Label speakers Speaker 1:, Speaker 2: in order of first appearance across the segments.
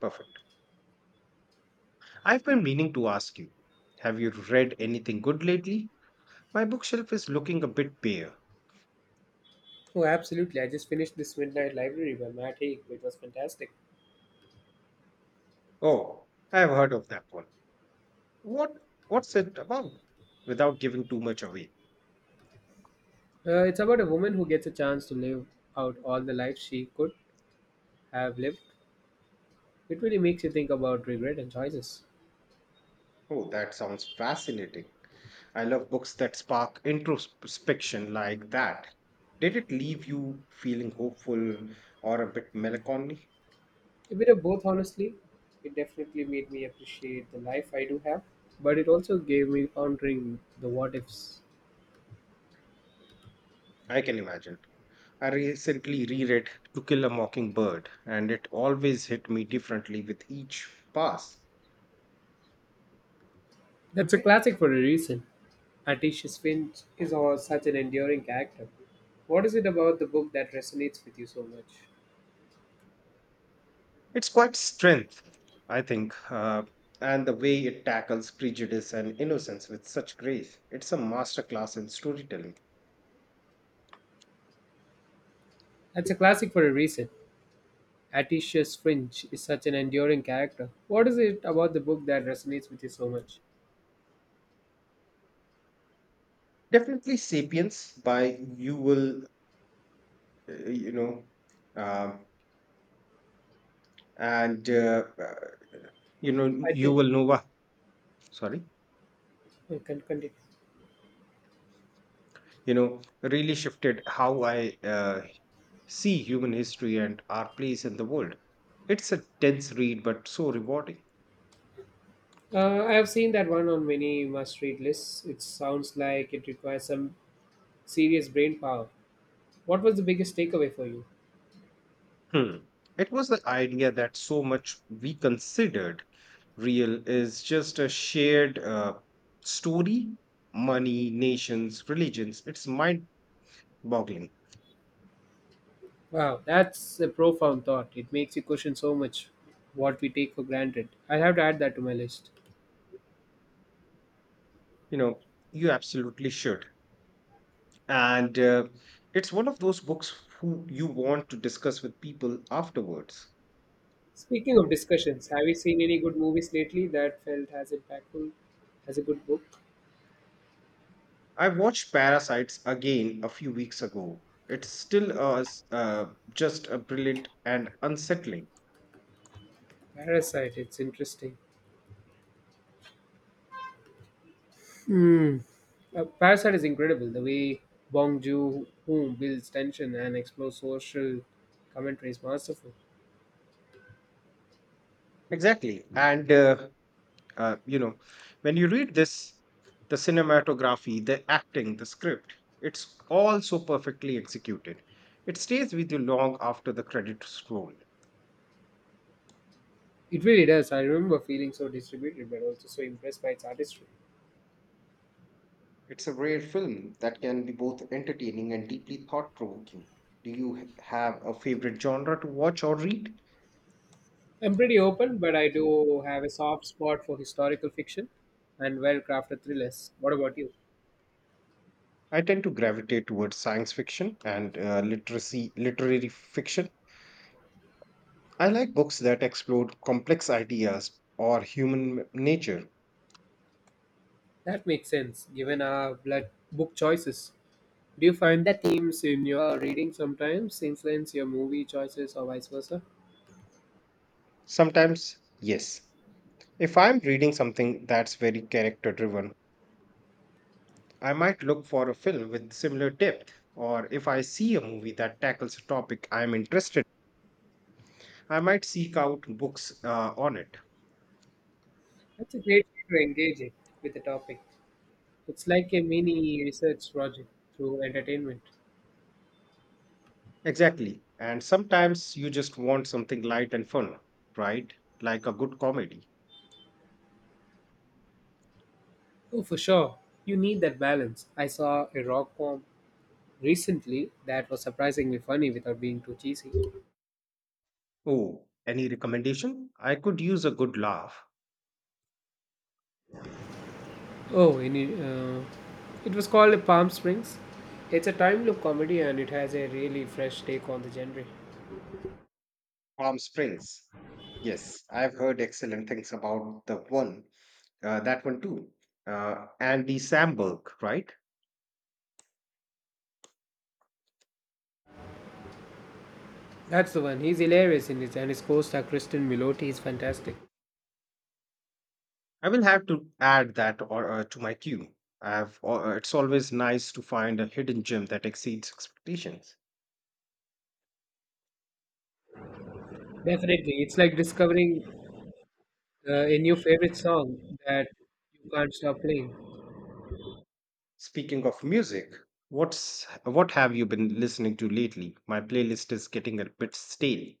Speaker 1: Perfect. I've been meaning to ask you, have you read anything good lately? My bookshelf is looking a bit bare.
Speaker 2: Oh, absolutely. I just finished this Midnight Library by Matt Haig. It was fantastic.
Speaker 1: Oh, I've heard of that one. What what's it about? Without giving too much away.
Speaker 2: It's about a woman who gets a chance to live out all the life she could have lived. It really makes you think about regret and choices.
Speaker 1: Oh, that sounds fascinating. I love books that spark introspection like that. Did it leave you feeling hopeful or a bit melancholy?
Speaker 2: A bit of both, honestly. It definitely made me appreciate the life I do have, but it also gave me pondering the what ifs.
Speaker 1: I can imagine. I recently reread To Kill a Mockingbird, and it always hit me differently with each pass.
Speaker 2: That's a classic for a reason. Atticus Finch is all such an enduring character. What is it about the book that resonates with you so much?
Speaker 1: It's quite strength, I think, and the way it tackles prejudice and innocence with such grace. It's a masterclass in storytelling.
Speaker 2: That's a classic for a reason. Atticus Finch is such an enduring character. What is it about the book that resonates with you so much?
Speaker 1: Definitely, *Sapiens* by Yuval, you know, um, and you know
Speaker 2: I think
Speaker 1: Yuval Noah. Sorry,
Speaker 2: I can continue.
Speaker 1: really shifted how I see human history and our place in the world. It's a dense read, but so rewarding.
Speaker 2: I have seen that one on many must-read lists. It sounds like it requires some serious brain power. What was the biggest takeaway for you?
Speaker 1: Hmm. It was the idea that so much we considered real is just a shared story, money, nations, religions. It's mind boggling.
Speaker 2: Wow, that's a profound thought. It makes you question so much what we take for granted. I'll have to add that to my list.
Speaker 1: You know, you absolutely should. And it's one of those books who you want to discuss with people afterwards.
Speaker 2: Speaking of discussions, have you seen any good movies lately that felt as impactful as a good book?
Speaker 1: I watched Parasites again a few weeks ago. It's still just a brilliant and unsettling.
Speaker 2: Parasite, it's interesting. Hmm. Parasite is incredible. The way Bong Joon-ho builds tension and explores social commentary is masterful.
Speaker 1: Exactly. Uh, you know, when you read this, the cinematography, the acting, the script, it's all so perfectly executed. It stays with you long after the credits roll.
Speaker 2: It really does. I remember feeling so distributed, but also so impressed by its artistry.
Speaker 1: It's a rare film that can be both entertaining and deeply thought provoking. Do you have a favorite genre to watch or read?
Speaker 2: I'm pretty open, but I do have a soft spot for historical fiction and well-crafted thrillers. What about you?
Speaker 1: I tend to gravitate towards science fiction and literary fiction. I like books that explore complex ideas or human nature.
Speaker 2: That makes sense, given our blood book choices. Do you find that themes in your reading sometimes influence your movie choices or vice versa?
Speaker 1: Sometimes, yes. If I'm reading something that's very character driven, I might look for a film with similar depth, or if I see a movie that tackles a topic I'm interested I might seek out books on it.
Speaker 2: That's a great way to engage it with the topic. It's like a mini research project through entertainment.
Speaker 1: Exactly. And sometimes you just want something light and fun, right? Like a good comedy.
Speaker 2: Oh, for sure. You need that balance. I saw a rock form recently that was surprisingly funny without being too cheesy.
Speaker 1: Oh, any recommendation? I could use a good laugh.
Speaker 2: Oh, any, uh, it was called Palm Springs. It's a time loop comedy and it has a really fresh take on the genre.
Speaker 1: Palm Springs. Yes, I've heard excellent things about the one, that one too. Andy Samberg, right?
Speaker 2: That's the one. He's hilarious in it, and his co-star Kristen Milotti is fantastic.
Speaker 1: I will have to add that or to my queue. It's always nice to find a hidden gem that exceeds expectations.
Speaker 2: Definitely, it's like discovering a new favorite song that you can't stop playing.
Speaker 1: Speaking of music, what have you been listening to lately? My playlist is getting a bit stale.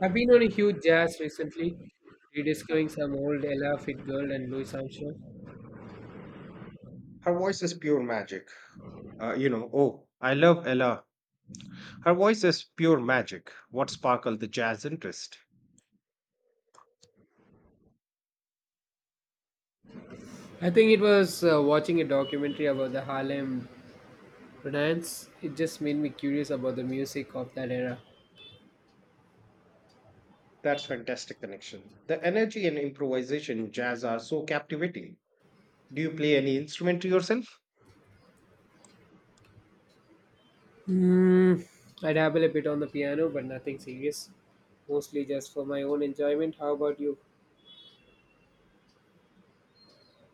Speaker 2: I've been on a huge jazz recently, rediscovering some old Ella Fitzgerald and Louis Armstrong.
Speaker 1: Her voice is pure magic. Oh, I love Ella. Her voice is pure magic. What sparkled the jazz interest?
Speaker 2: I think it was watching a documentary about the Harlem Renaissance. It just made me curious about the music of that era.
Speaker 1: That's fantastic connection. The energy and improvisation in jazz are so captivating. Do you play any instrument yourself?
Speaker 2: Mm, I dabble a bit on the piano, but nothing serious. Mostly just for my own enjoyment. How about you?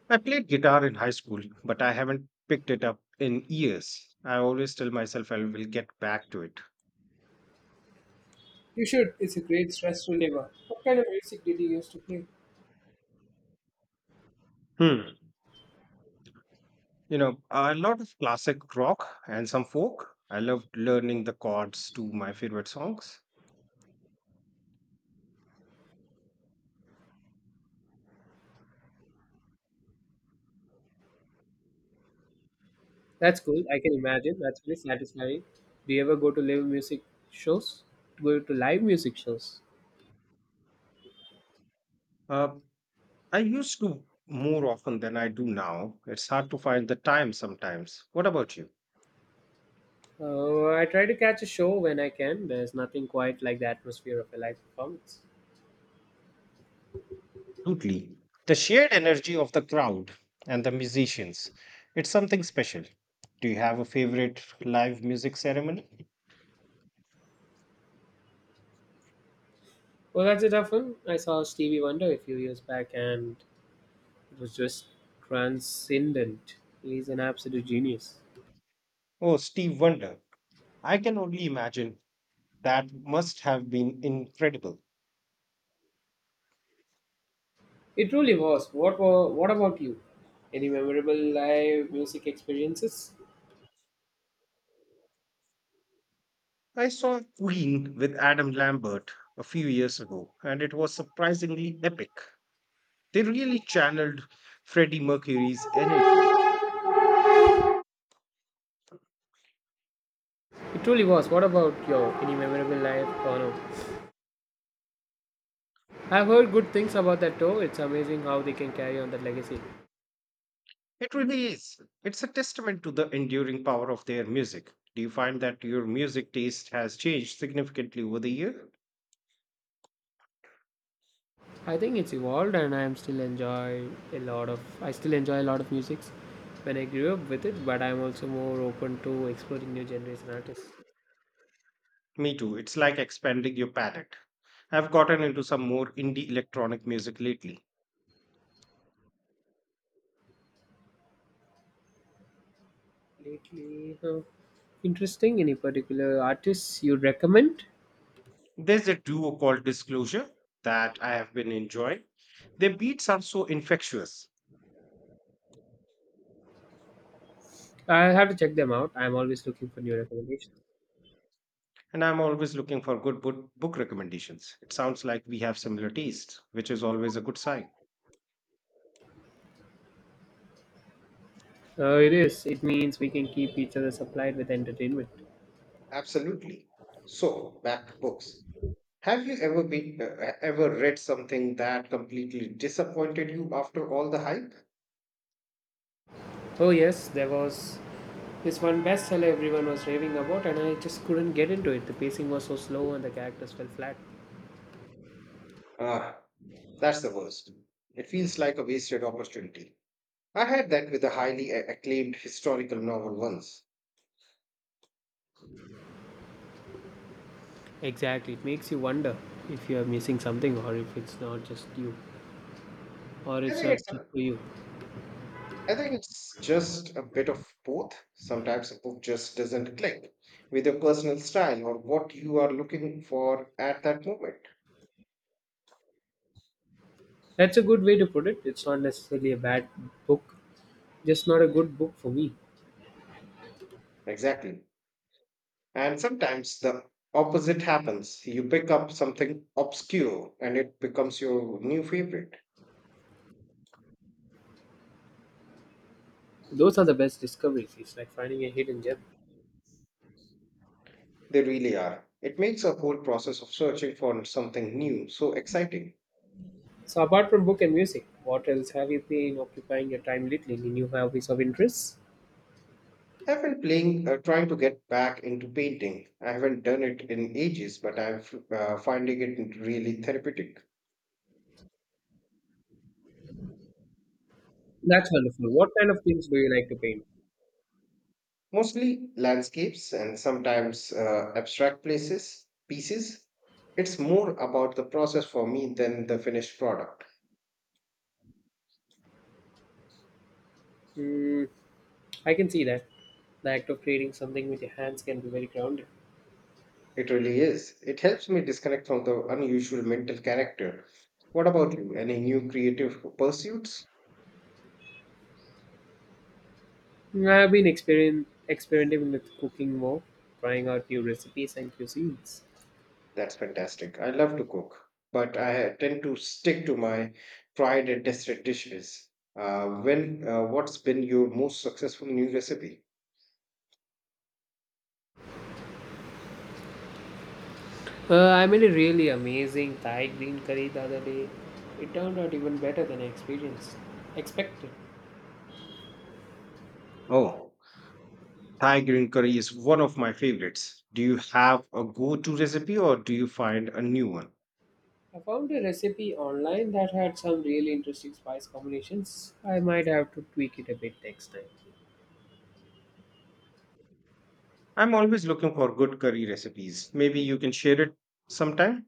Speaker 1: I played guitar in high school, but I haven't picked it up in years. I always tell myself I will get back to it.
Speaker 2: You should. It's a great stress reliever. What kind of music did you used to play?
Speaker 1: Hmm. A lot of classic rock and some folk. I loved learning the chords to my favorite songs.
Speaker 2: That's cool. I can imagine. That's very satisfying. Do you ever go to live music shows? Go to live music shows?
Speaker 1: Uh, I used to more often than I do now. It's hard to find the time sometimes. What about you?
Speaker 2: I try to catch a show when I can. There's nothing quite like the atmosphere of a live performance.
Speaker 1: Absolutely. The shared energy of the crowd and the musicians, it's something special. Do you have a favorite live music ceremony?
Speaker 2: Well, that's a tough one. I saw Stevie Wonder a few years back and it was just transcendent. He's an absolute genius.
Speaker 1: Oh, Steve Wonder. I can only imagine that must have been incredible.
Speaker 2: It truly was. What about you? Any memorable live music experiences?
Speaker 1: I saw Queen with Adam Lambert a few years ago, and it was surprisingly epic. They really channeled Freddie Mercury's energy.
Speaker 2: It truly was. What about your any memorable live? Oh, no. I've heard good things about that tour. It's amazing how they can carry on that legacy.
Speaker 1: It really is. It's a testament to the enduring power of their music. Do you find that your music taste has changed significantly over the year?
Speaker 2: I think it's evolved, and I still enjoy a lot of musics when I grew up with it, but I'm also more open to exploring new genres and artists.
Speaker 1: Me too. It's like expanding your palette. I've gotten into some more indie electronic music lately.
Speaker 2: Lately, huh, interesting. Any particular artists you'd recommend?
Speaker 1: There's a duo called Disclosure that I have been enjoying. Their beats are so infectious.
Speaker 2: I have to check them out. I'm always looking for new recommendations.
Speaker 1: And I'm always looking for good book recommendations. It sounds like we have similar tastes, which is always a good sign.
Speaker 2: It is. It means we can keep each other supplied with entertainment.
Speaker 1: Absolutely. So, back to books. Have you ever been ever read something that completely disappointed you after all the hype?
Speaker 2: Oh yes, there was this one bestseller everyone was raving about, and I just couldn't get into it. The pacing was so slow, and the characters fell flat.
Speaker 1: Ah, that's the worst. It feels like a wasted opportunity. I had that with a highly acclaimed historical novel once.
Speaker 2: Exactly. It makes you wonder if you are missing something or
Speaker 1: I
Speaker 2: it's
Speaker 1: think
Speaker 2: not
Speaker 1: it's
Speaker 2: just
Speaker 1: a
Speaker 2: for you.
Speaker 1: I think it's just a bit of both. Sometimes a book just doesn't click with your personal style or what you are looking for at that moment.
Speaker 2: That's a good way to put it. It's not necessarily a bad book, just not a good book for me.
Speaker 1: Exactly. And sometimes the opposite happens. You pick up something obscure and it becomes your new favorite.
Speaker 2: Those are the best discoveries. It's like finding a hidden gem.
Speaker 1: They really are. It makes a whole process of searching for something new so exciting.
Speaker 2: So, apart from book and music, what else have you been occupying your time lately? Any new hobbies of interest?
Speaker 1: Trying to get back into painting. I haven't done it in ages, but I'm finding it really therapeutic.
Speaker 2: That's wonderful. What kind of things do you like to paint?
Speaker 1: Mostly landscapes and sometimes abstract places pieces. It's more about the process for me than the finished product.
Speaker 2: Mm, I can see that. The act of creating something with your hands can be very grounding.
Speaker 1: It really is, it helps me disconnect from the unusual mental character. What about you, any new creative pursuits?
Speaker 2: I have been experien experimenting with cooking more, trying out new recipes and cuisines.
Speaker 1: That's fantastic, I love to cook, but I tend to stick to my tried and tested dishes. When what's been your most successful new recipe?
Speaker 2: I made a really amazing Thai green curry the other day. It turned out even better than I experienced expected.
Speaker 1: Oh, Thai green curry is one of my favorites. Do you have a go to recipe or do you find a new one?
Speaker 2: I found a recipe online that had some really interesting spice combinations. I might have to tweak it a bit next time.
Speaker 1: I'm always looking for good curry recipes. Maybe you can share it sometime?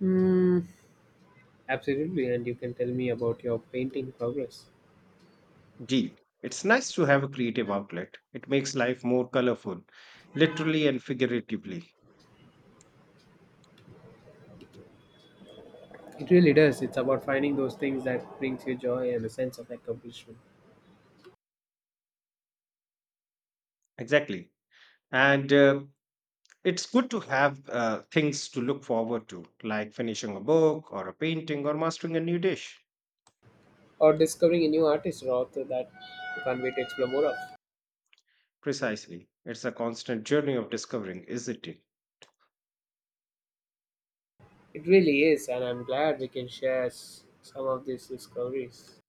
Speaker 2: Hmm, absolutely, and you can tell me about your painting progress.
Speaker 1: Deal. It's nice to have a creative outlet. It makes life more colorful, literally and figuratively.
Speaker 2: It really does. It's about finding those things that brings you joy and a sense of accomplishment.
Speaker 1: Exactly. And it's good to have things to look forward to, like finishing a book or a painting or mastering a new dish.
Speaker 2: Or discovering a new artist or author that you can't wait to explore more of.
Speaker 1: Precisely. It's a constant journey of discovering, isn't it?
Speaker 2: It really is, and I'm glad we can share some of these discoveries.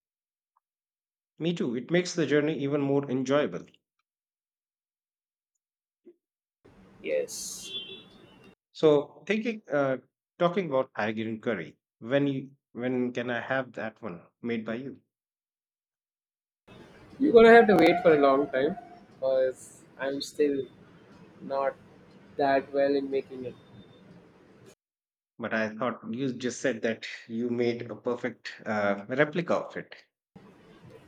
Speaker 1: Me too. It makes the journey even more enjoyable.
Speaker 2: Yes,
Speaker 1: So, talking about Algerian curry. When can I have that one made by you?
Speaker 2: you're gonna have to wait for a long time because I'm still not that well in making it.
Speaker 1: But I thought you just said that you made a perfect replica of it.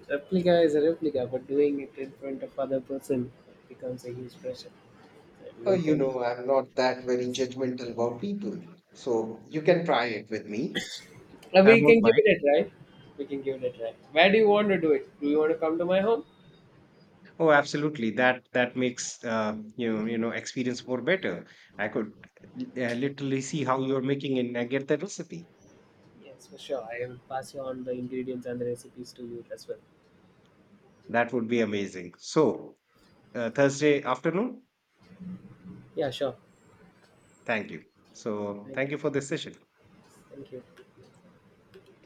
Speaker 2: Replica is a replica, but doing it in front of other person becomes a huge pressure. I
Speaker 1: Oh,
Speaker 2: don't
Speaker 1: you
Speaker 2: think-
Speaker 1: know, I'm not that very judgmental about people, so you can try it with me.
Speaker 2: Uh,
Speaker 1: I
Speaker 2: we
Speaker 1: won't
Speaker 2: can give
Speaker 1: mind.
Speaker 2: it a try. We can give it a try. Where do you want to do it? Do you want to come to my home?
Speaker 1: Oh, absolutely. That makes you know experience more better. I could literally see how you're making it and I get the recipe.
Speaker 2: Yes, for sure. I will pass you on the ingredients and the recipes to you as well.
Speaker 1: That would be amazing. So, Thursday afternoon.
Speaker 2: Yeah, sure.
Speaker 1: Thank you. So,
Speaker 2: Thank
Speaker 1: thank you
Speaker 2: you.
Speaker 1: for this session.
Speaker 2: Thank you.